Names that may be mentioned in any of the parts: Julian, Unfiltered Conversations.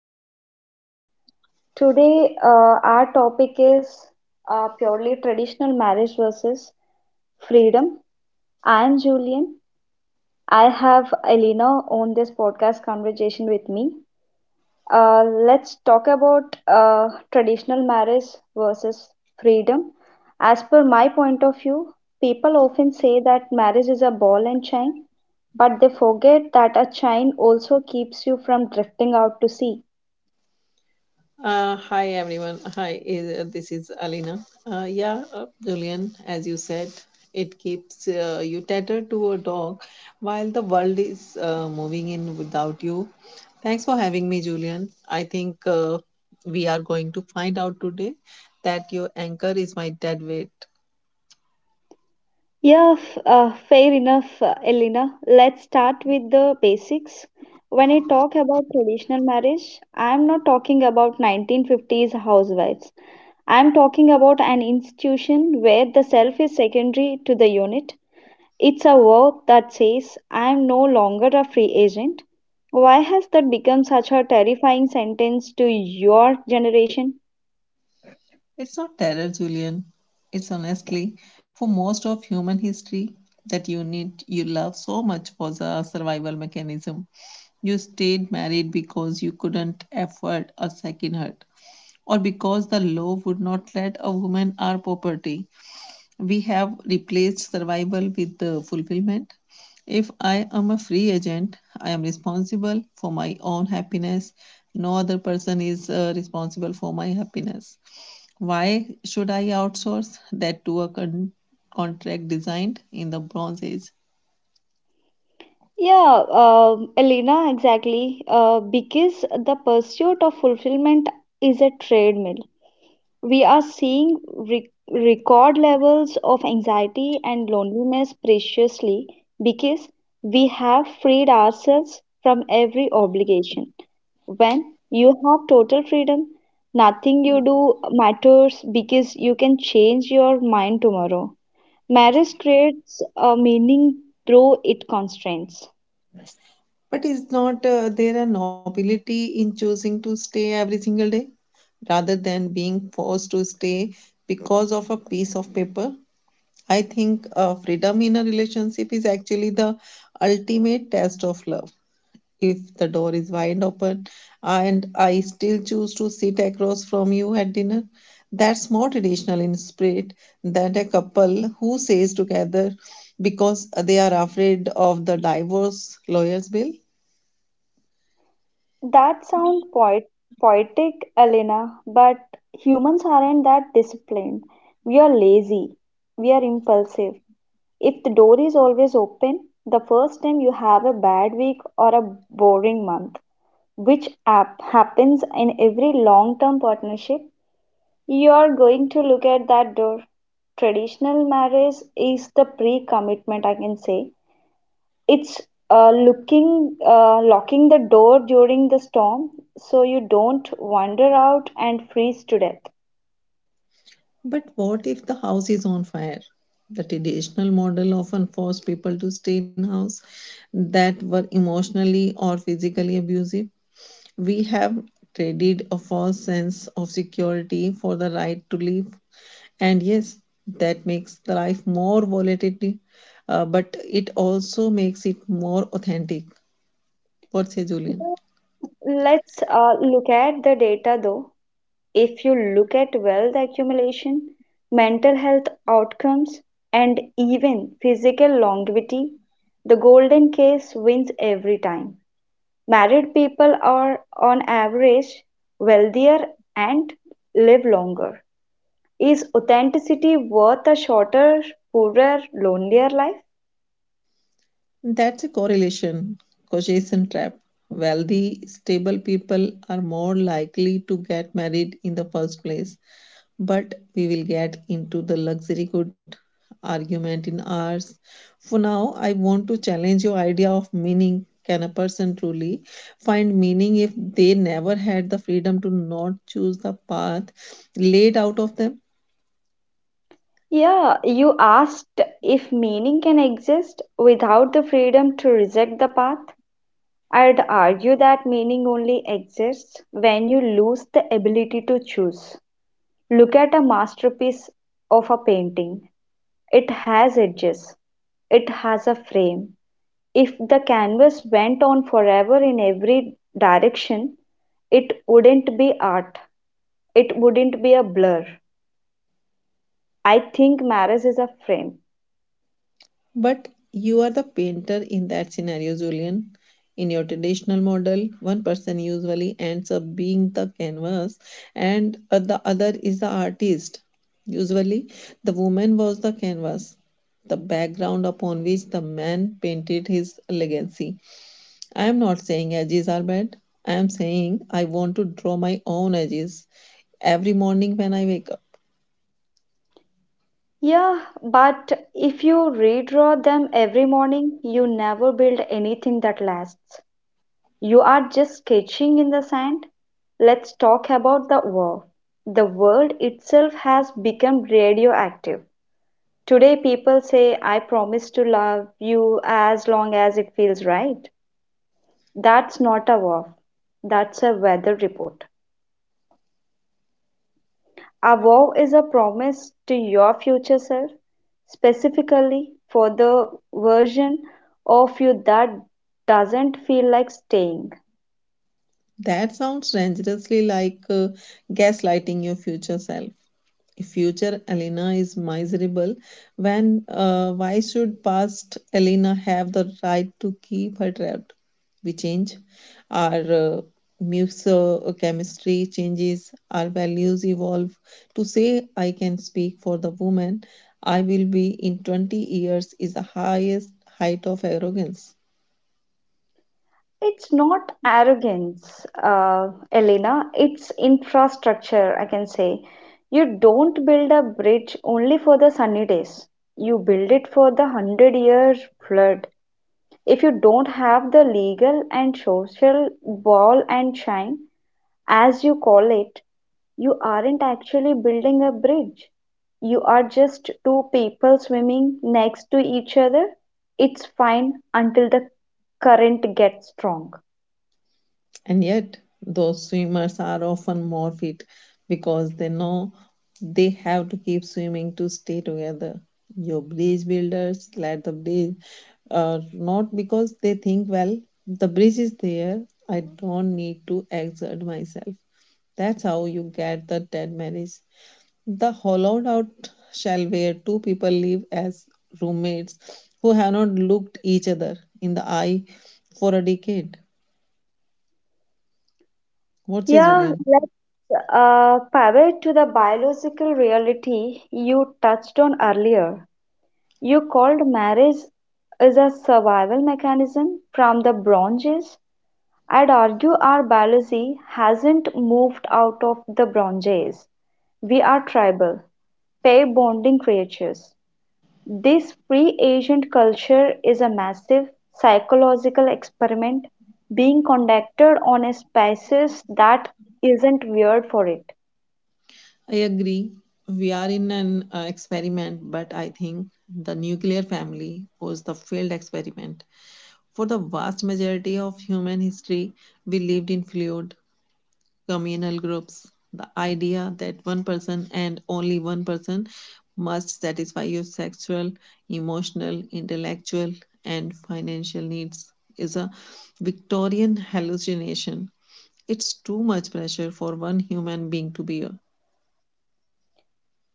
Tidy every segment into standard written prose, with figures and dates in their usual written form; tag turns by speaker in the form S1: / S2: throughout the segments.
S1: Conversations. Today, our topic is purely traditional marriage versus freedom. I'm Julian. I have Elena on this podcast conversation with me. Let's talk about traditional marriage versus freedom. As per my point of view, people often say that marriage is a ball and chain, but they forget that a chain also keeps you from drifting out to sea.
S2: Hi everyone. Hi, this is Alina. Yeah, Julian, as you said, it keeps you tethered to a dog while the world is moving in without you. Thanks for having me, Julian. I think we are going to find out today that your anchor is my dead weight.
S1: Yeah, fair enough, Elena. Let's start with the basics. When I talk about traditional marriage, I am not talking about 1950s housewives. I am talking about an institution where the self is secondary to the unit. It's a vow that says, I am no longer a free agent. Why has that become such a terrifying sentence to your generation?
S2: It's not terror, Julian. It's honestly, for most of human history, that unit you love so much was a survival mechanism. You stayed married because you couldn't afford a second hurt, or because the law would not let a woman our property. We have replaced survival with the fulfillment. If I am a free agent, I am responsible for my own happiness. No other person is responsible for my happiness. Why should I outsource that to a contract designed in the Bronze Age?
S1: Yeah, Elena, exactly. Because the pursuit of fulfillment is a treadmill. We are seeing record levels of anxiety and loneliness preciously because we have freed ourselves from every obligation. When you have total freedom, nothing you do matters because you can change your mind tomorrow. Marriage creates a meaning through its constraints.
S2: But is not there a nobility in choosing to stay every single day rather than being forced to stay because of a piece of paper? I think freedom in a relationship is actually the ultimate test of love. If the door is wide open and I still choose to sit across from you at dinner. That's more traditional in spirit than a couple who stays together because they are afraid of the divorce lawyer's bill.
S1: That sounds poetic, Elena, but humans aren't that disciplined. We are lazy. We are impulsive. If the door is always open, the first time you have a bad week or a boring month, which app happens in every long term partnership, you are going to look at that door. Traditional marriage is the pre commitment, I can say. It's looking locking the door during the storm so you don't wander out and freeze to death.
S2: But what if the house is on fire? The traditional model often forced people to stay in houses that were emotionally or physically abusive. We have traded a false sense of security for the right to live. And yes, that makes the life more volatility, but it also makes it more authentic. What say, Julian?
S1: Yeah, let's look at the data though. If you look at wealth accumulation, mental health outcomes, and even physical longevity, the golden case wins every time. Married people are, on average, wealthier and live longer. Is authenticity worth a shorter, poorer, lonelier life?
S2: That's a correlation, causation trap. Wealthy, stable people are more likely to get married in the first place. But we will get into the luxury good argument in hours. For now, I want to challenge your idea of meaning. Can a person truly find meaning if they never had the freedom to not choose the path laid out of them?
S1: Yeah, you asked if meaning can exist without the freedom to reject the path. I'd argue that meaning only exists when you lose the ability to choose. Look at a masterpiece of a painting. It has edges, it has a frame. If the canvas went on forever in every direction, it wouldn't be art. It wouldn't be a blur. I think marriage is a frame.
S2: But you are the painter in that scenario, Julian. In your traditional model, one person usually ends up being the canvas and the other is the artist. Usually, the woman was the canvas, the background upon which the man painted his legacy. I am not saying edges are bad. I am saying I want to draw my own edges every morning when I wake up.
S1: Yeah, but if you redraw them every morning, you never build anything that lasts. You are just sketching in the sand. Let's talk about the war. The world itself has become radioactive. Today, people say, I promise to love you as long as it feels right. That's not a war, that's a weather report. A vow is a promise to your future self, specifically for the version of you that doesn't feel like staying.
S2: That sounds dangerously like gaslighting your future self. If future Elena is miserable, when why should past Elena have the right to keep her trapped? We change, our musochemistry changes, our values evolve. To say I can speak for the woman I will be in 20 years is the highest height of arrogance.
S1: It's not arrogance, Elena, it's infrastructure, I can say. You don't build a bridge only for the sunny days, you build it for the 100 year flood. If you don't have the legal and social ball and shine, as you call it, you aren't actually building a bridge. You are just two people swimming next to each other. It's fine until the current gets strong.
S2: And yet, those swimmers are often more fit because they know they have to keep swimming to stay together. Your bridge builders let the bridge, not because they think, well, the bridge is there, I don't need to exert myself. That's how you get the dead marriage. The hollowed out shell where two people live as roommates who have not looked each other in the eye for a decade. What say,
S1: Yeah,
S2: Julian?
S1: let's pivot to the biological reality you touched on earlier. You called marriage is a survival mechanism from the Bronze Age. I'd argue our biology hasn't moved out of the Bronze Age. We are tribal. Pair-bonding creatures, this free agent culture is a massive psychological experiment being conducted on a species that isn't weird for it.
S2: I agree. We are in an experiment, but I think the nuclear family was the failed experiment. For the vast majority of human history, we lived in fluid communal groups. The idea that one person and only one person must satisfy your sexual, emotional, intellectual, and financial needs is a Victorian hallucination. It's too much pressure for one human being to bear.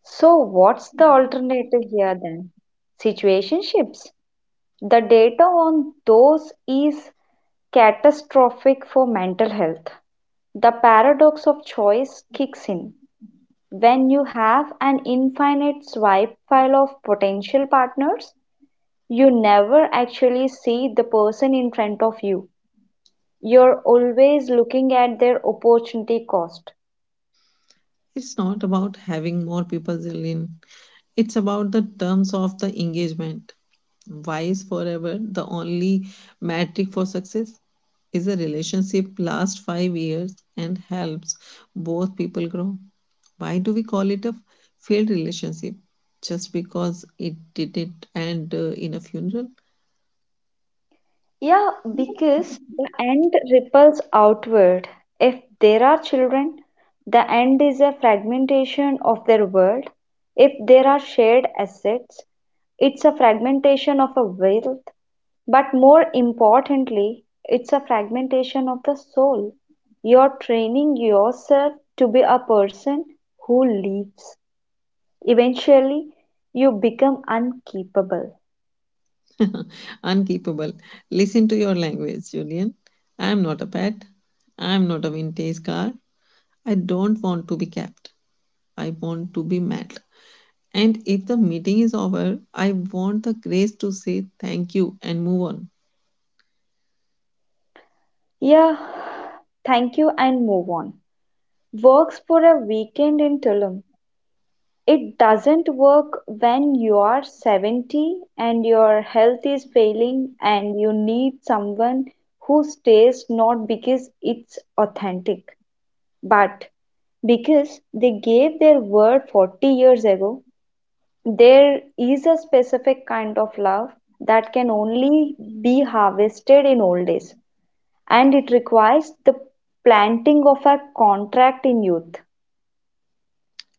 S1: So, what's the alternative here then? Situationships. The data on those is catastrophic for mental health. The paradox of choice kicks in. When you have an infinite swipe file of potential partners, you never actually see the person in front of you. You're always looking at their opportunity cost.
S2: It's not about having more people in, it's about the terms of the engagement. Why is forever the only metric for success? Is a relationship last 5 years and helps both people grow? Why do we call it a failed relationship? Just because it didn't end in a funeral?
S1: Yeah, because the end ripples outward. If there are children, the end is a fragmentation of their world. If there are shared assets, it's a fragmentation of a wealth. But more importantly, it's a fragmentation of the soul. You're training yourself to be a person who lives. Eventually, you become unkeepable.
S2: Unkeepable. Listen to your language, Julian. I am not a pet. I am not a vintage car. I don't want to be kept. I want to be met. And if the meeting is over, I want the grace to say thank you and move on.
S1: Yeah, thank you and move on. Works for a weekend in Tulum. It doesn't work when you are 70 and your health is failing and you need someone who stays not because it's authentic, but because they gave their word 40 years ago. There is a specific kind of love that can only be harvested in old age, and it requires the planting of a contract in youth.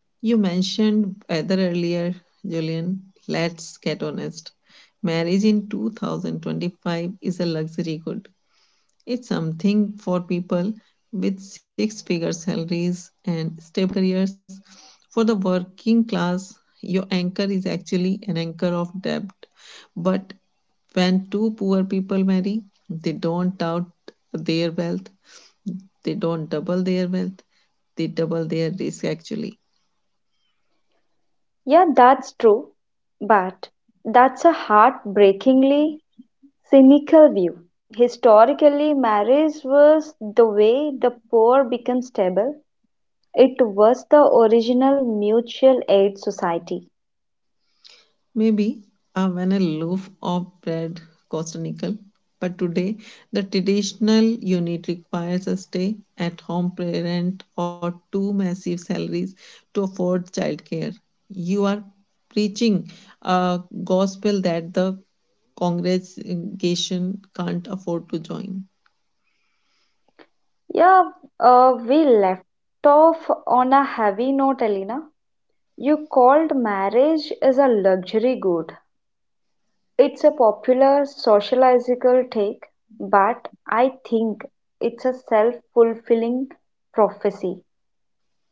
S2: You mentioned weather earlier, Julian. Let's get honest. Marriage in 2025 is a luxury good. It's something for people with six figure salaries and stable careers. For the working class, your anchor is actually an anchor of debt. But when two poor people marry, they don't doubt their wealth, they don't double their wealth, they double their risk actually.
S1: Yeah, that's true, but that's a heartbreakingly cynical view. Historically, marriage was the way the poor became stable. It was the original mutual aid society.
S2: Maybe when a loaf of bread cost a nickel, but today the traditional unit requires a stay at home parent or two massive salaries to afford childcare. You are preaching a gospel that the congregation can't afford to join.
S1: Yeah, we left off on a heavy note, Alina. You called marriage as a luxury good. It's a popular sociological take, but I think it's a self-fulfilling prophecy.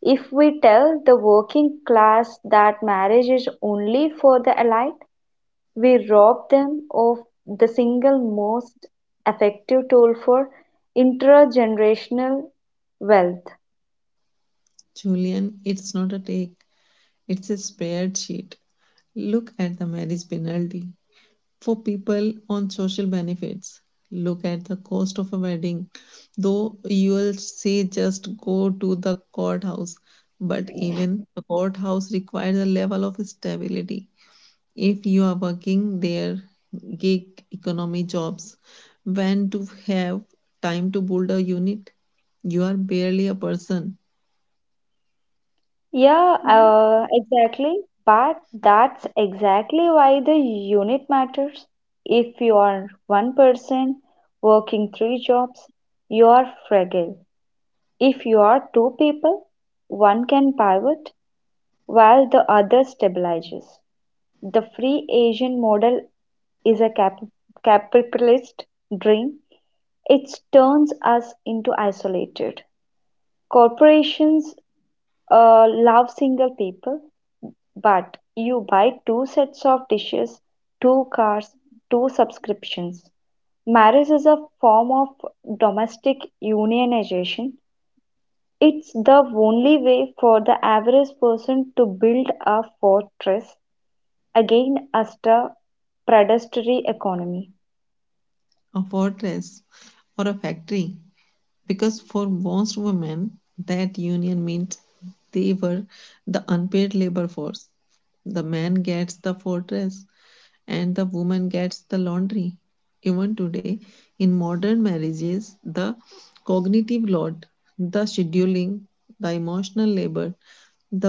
S1: If we tell the working class that marriage is only for the elite, we rob them of the single most effective tool for intergenerational wealth.
S2: Julian, it's not a take, it's a spreadsheet. Look at the marriage penalty for people on social benefits. Look at the cost of a wedding. Though you'll say just go to the courthouse, but even the courthouse requires a level of stability. If you are working there, gig economy jobs, when to have time to build a unit? You are barely a person,
S1: Yeah, exactly. But that's exactly why the unit matters. If you are one person working three jobs, you are fragile. If you are two people, one can pivot while the other stabilizes. The free agent model is a capitalist dream. It turns us into isolated. Corporations love single people. But you buy two sets of dishes, two cars, two subscriptions. Marriage is a form of domestic unionization. It's the only way for the average person to build a fortress against a predatory economy.
S2: a fortress, or a factory. Because for most women that union means they were the unpaid labor force, the man gets the fortress and the woman gets the laundry, even today in modern marriages. The cognitive load, the scheduling, the emotional labor,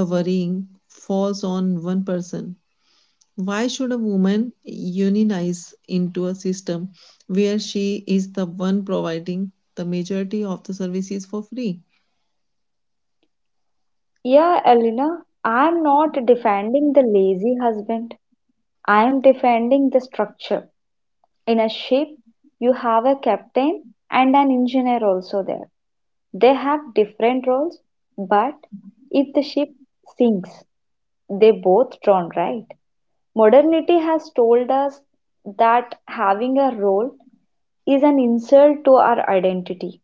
S2: the worrying falls on one person. Why should a woman unionize into a system where she is the one providing the majority of the services for free?
S1: Yeah, Elena, I'm not defending the lazy husband. I'm defending the structure. In a ship, you have a captain and an engineer also there. They have different roles, but if the ship sinks, they both drown, right? Modernity has told us that having a role is an insult to our identity,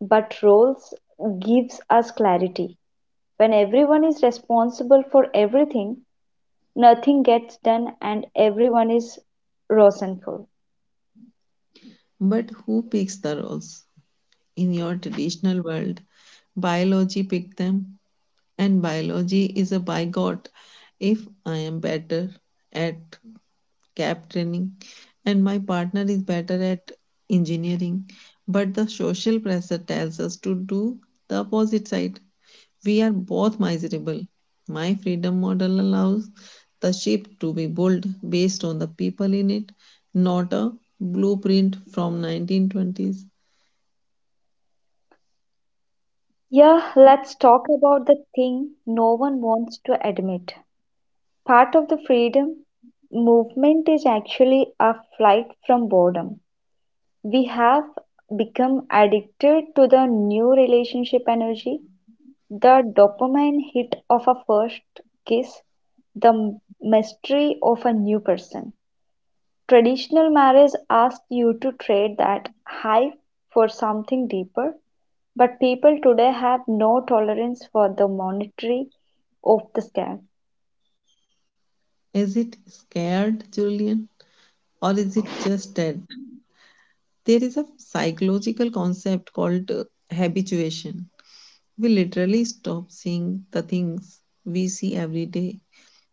S1: but roles gives us clarity. When everyone is responsible for everything, nothing gets done and everyone is resentful.
S2: But who picks the roles? In your traditional world, biology picked them, and biology is a bigot if I am better at cab training, and my partner is better at engineering. But the social pressure tells us to do the opposite side. We are both miserable. My freedom model allows the ship to be built based on the people in it, not a blueprint from 1920s.
S1: Yeah, let's talk about the thing no one wants to admit. Part of the freedom movement is actually a flight from boredom. We have become addicted to the new relationship energy, the dopamine hit of a first kiss, the mystery of a new person. Traditional marriage asks you to trade that high for something deeper, but people today have no tolerance for the monetary of the scam.
S2: Is it scared, Julian? Or is it just that there is a psychological concept called habituation. We literally stop seeing the things we see every day.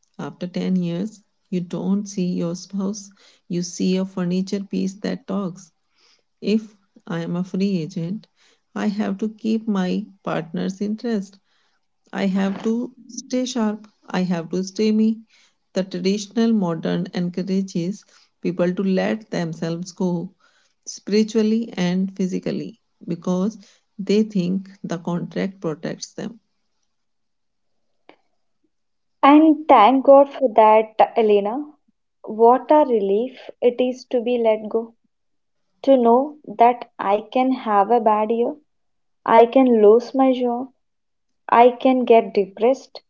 S2: After 10 years, you don't see your spouse, you see a furniture piece that talks. If I am a free agent, I have to keep my partner's interest. I have to stay sharp. I have to stay me. The traditional modern encourages people to let themselves go spiritually and physically because they think the contract protects them.
S1: And thank God for that, Elena. What a relief it is to be let go, to know that I can have a bad year, I can lose my job, I can get depressed,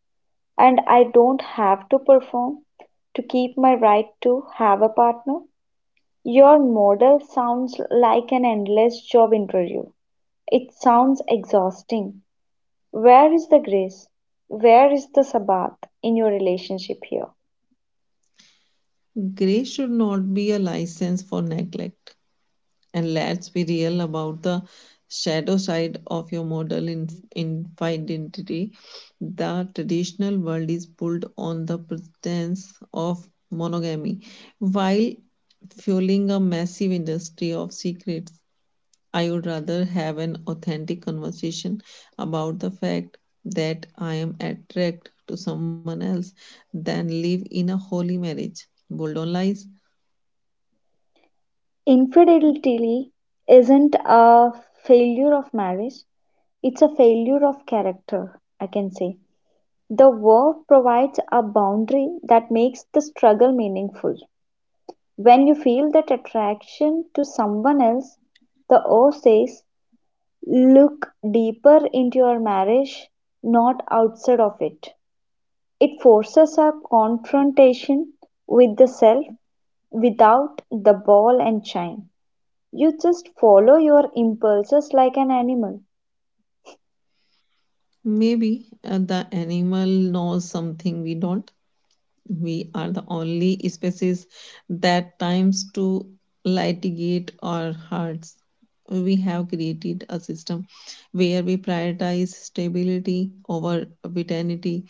S1: and I don't have to perform to keep my right to have a partner. Your model sounds like an endless job interview. It sounds exhausting. Where is the grace? Where is the Sabbath in your relationship here?
S2: Grace should not be a license for neglect. And let's be real about the shadow side of your model in identity. The traditional world is built on the pretense of monogamy, while fueling a massive industry of secrets. I would rather have an authentic conversation about the fact that I am attracted to someone else than live in a holy marriage. Bold on lies.
S1: Infidelity isn't a failure of marriage, it's a failure of character, I can say. The work provides a boundary that makes the struggle meaningful. When you feel that attraction to someone else, the O says, look deeper into your marriage, not outside of it. It forces a confrontation with the self without the ball and chain. You just follow your impulses like an animal.
S2: Maybe the animal knows something we don't. We are the only species that times to litigate our hearts. We have created a system where we prioritize stability over vitality,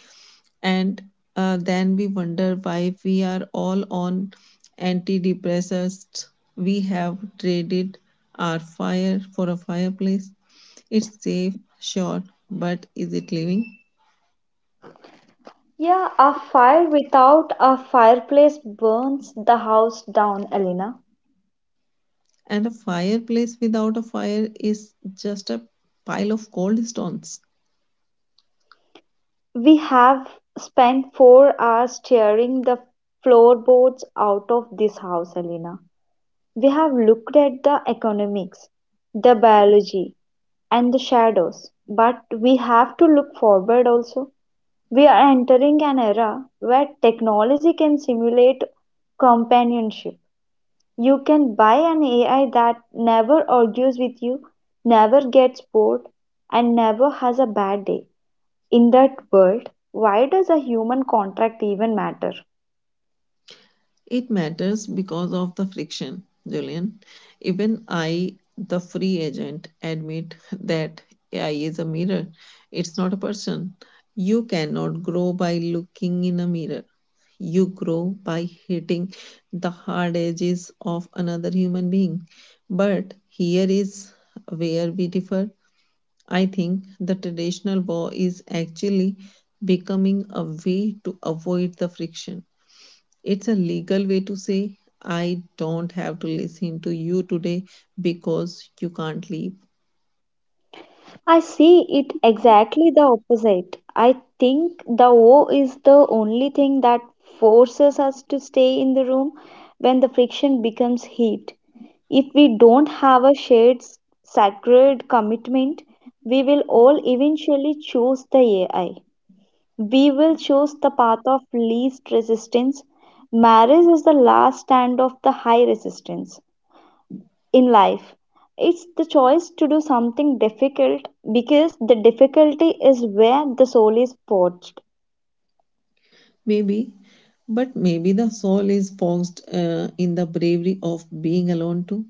S2: and then we wonder why we are all on antidepressants. We have traded our fire for a fireplace. It's safe, sure, but is it living?
S1: Yeah, a fire without a fireplace burns the house down, Elena.
S2: And a fireplace without a fire is just a pile of cold stones.
S1: We have spent 4 hours tearing the floorboards out of this house, Elena. We have looked at the economics, the biology, and the shadows. But we have to look forward also. We are entering an era where technology can simulate companionship. You can buy an AI that never argues with you, never gets bored, and never has a bad day. In that world, why does a human contract even matter?
S2: It matters because of the friction, Julian. Even I, the free agent, admit that AI is a mirror. It's not a person. You cannot grow by looking in a mirror. You grow by hitting the hard edges of another human being. But here is where we differ. I think the traditional war is actually becoming a way to avoid the friction. It's a legal way to say, I don't have to listen to you today because you can't leave.
S1: I see it exactly the opposite. I think the O is the only thing that forces us to stay in the room when the friction becomes heat. If we don't have a shared sacred commitment, we will all eventually choose the AI. We will choose the path of least resistance. Marriage is the last stand of the high resistance in life. It's the choice to do something difficult because the difficulty is where the soul is forged.
S2: Maybe, but maybe the soul is boxed in the bravery of being alone too.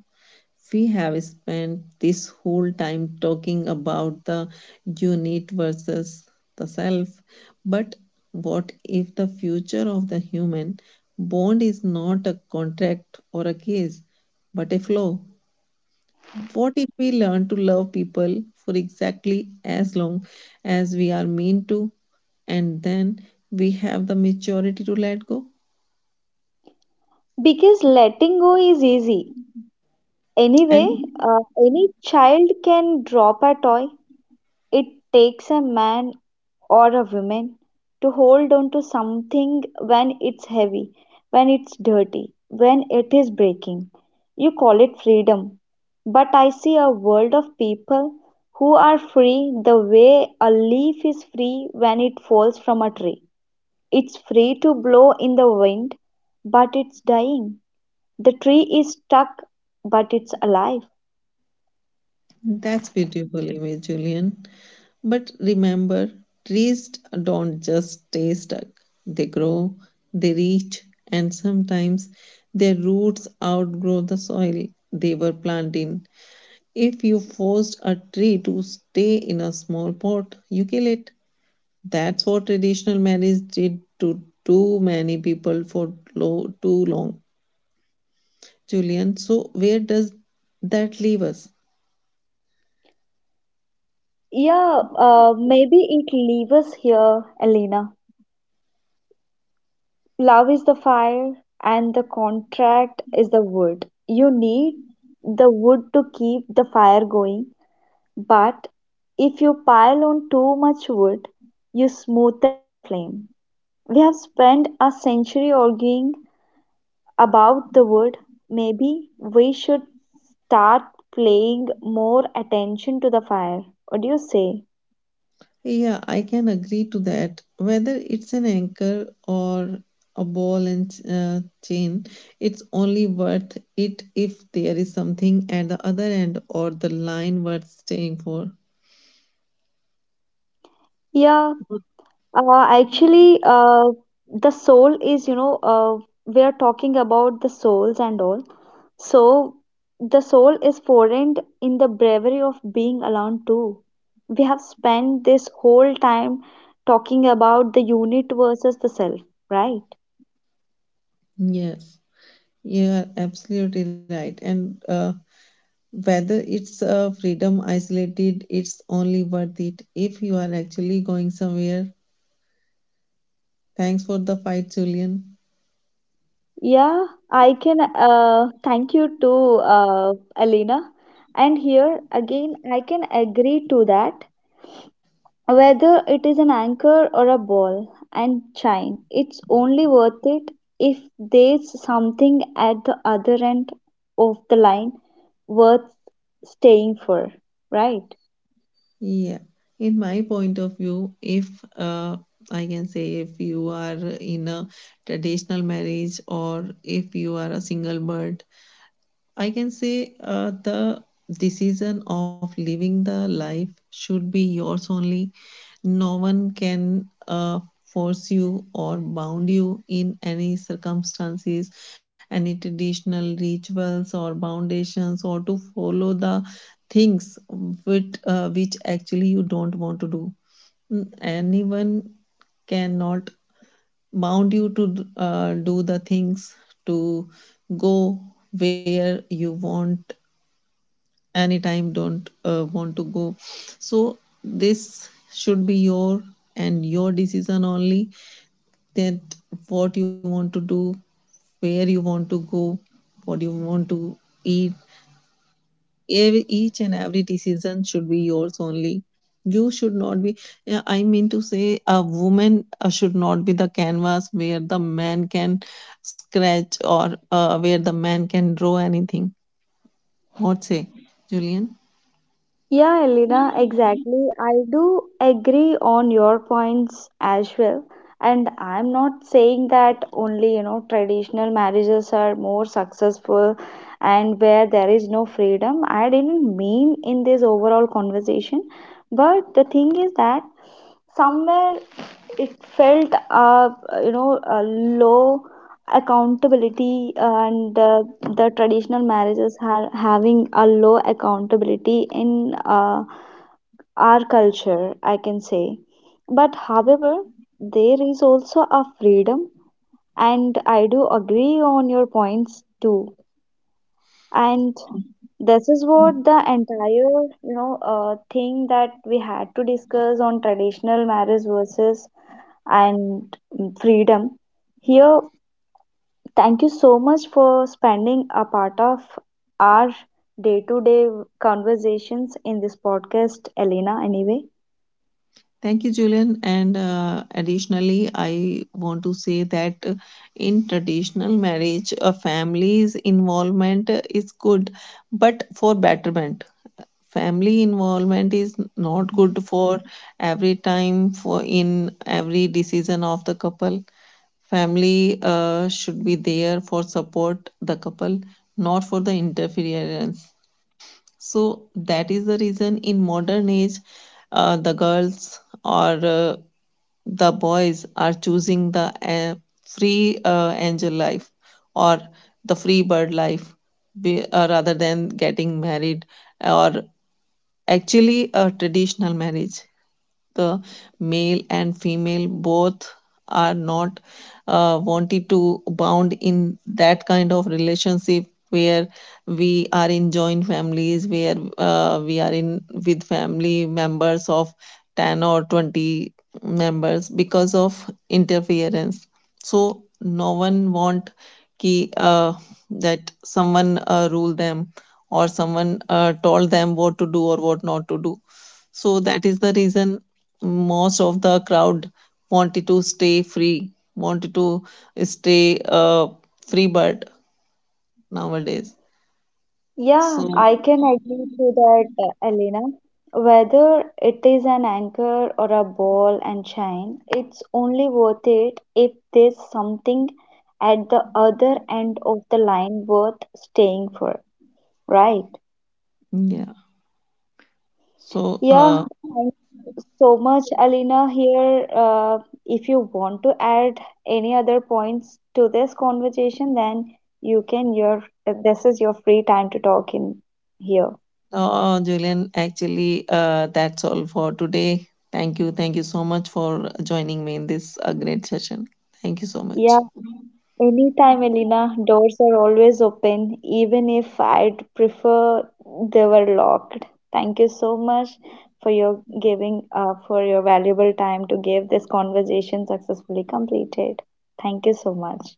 S2: We have spent this whole time talking about the unit versus the self, but what if the future of the human bond is not a contract or a case, but a flow? What if we learn to love people for exactly as long as we are mean to, and then we have the maturity to let go?
S1: Because letting go is easy.
S2: And
S1: Anyway, any child can drop a toy. It takes a man or a woman to hold on to something when it's heavy, when it's dirty, when it is breaking. You call it freedom. But I see a world of people who are free the way a leaf is free when it falls from a tree. It's free to blow in the wind, but it's dying. The tree is stuck, but it's alive.
S2: that's beautiful image, Julian. But remember, trees don't just stay stuck. They grow, they reach, and sometimes their roots outgrow the soil they were planted in. If you forced a tree to stay in a small pot, you kill it. That's what traditional marriage did to too many people for too long. Julian, so where does that leave us?
S1: Yeah, maybe it leaves us here, Elena. Love is the fire, and the contract is the wood. You need the wood to keep the fire going, but if you pile on too much wood, you smoother than flame. We have spent a century arguing about the wood. Maybe we should start paying more attention to the fire. What do you say?
S2: Yeah, I can agree to that. Whether it's an anchor or a ball and chain, it's only worth it if there is something at the other end or the line worth staying for.
S1: Yeah, Uh, actually, uh, the soul is, you know, we are talking about the souls and all. So, the soul is foreign in the bravery of being alone too. We have spent this whole time talking about the unit versus the self, right?
S2: Yes, you are absolutely right. And whether it's a freedom isolated, it's only worth it if you are actually going somewhere. Thanks for the fight, Julian.
S1: Yeah, I can thank you to Alina. And here again, I can agree to that. Whether it is an anchor or a ball and chain, it's only worth it if there's something at the other end of the line worth staying for, right?
S2: Yeah, in my point of view, if uh, I can say if you are in a traditional marriage or if you are a single bird, I can say the decision of living the life should be yours only. No one can force you or bound you in any circumstances, any traditional rituals or foundations, or to follow the things which actually you don't want to do. Mm, anyone cannot bound you to do the things to go where you want anytime don't want to go. So this should be your and your decision only, that what you want to do, where you want to go, what you want to eat, each and every decision should be yours only. You should not be, yeah, I mean to say a woman should not be the canvas where the man can scratch or where the man can draw anything. What say, Julian?
S1: Yeah, Elena, exactly. I do agree on your points as well. And I'm not saying that only, you know, traditional marriages are more successful and where there is no freedom. I didn't mean in this overall conversation. But the thing is that somewhere it felt, you know, a low accountability and the traditional marriages are having a low accountability in our culture, I can say. But however, there is also a freedom, and I do agree on your points too. And this is what the entire, you know, thing that we had to discuss on traditional marriage versus and freedom here. Thank you so much for spending a part of our day-to-day conversations in this podcast, Elena. Anyway,
S2: Thank you, Julian. And additionally, I want to say that in traditional marriage, a family's involvement is good, but for betterment. Family involvement is not good for every time, for in every decision of the couple. Family should be there for support the couple, not for the interference. So that is the reason in modern age, the girls or the boys are choosing the free angel life or the free bird life rather than getting married or actually a traditional marriage, the male and female both are not wanted to bound in that kind of relationship where we are in joint families, where we are in with family members of 10 or 20 members because of interference. So no one want ki, uh, that someone rule them or someone told them what to do or what not to do. So that is the reason most of the crowd wanted to stay free, wanted to stay free bird nowadays.
S1: yeah,
S2: So
S1: I can agree to that, Elena. Whether it is an anchor or a ball and chain, it's only worth it if there's something at the other end of the line worth staying for, right?
S2: yeah. So
S1: Yeah, thank you so much, Alina. Here, if you want to add any other points to this conversation, then you can. Your this is your free time to talk in here.
S2: Julian, actually, that's all for today. Thank you so much for joining me in this great session. Thank you so much.
S1: Yeah. Anytime, Elena, doors are always open, even if I'd prefer they were locked. Thank you so much for your giving, for your valuable time to give this conversation successfully completed. Thank you so much.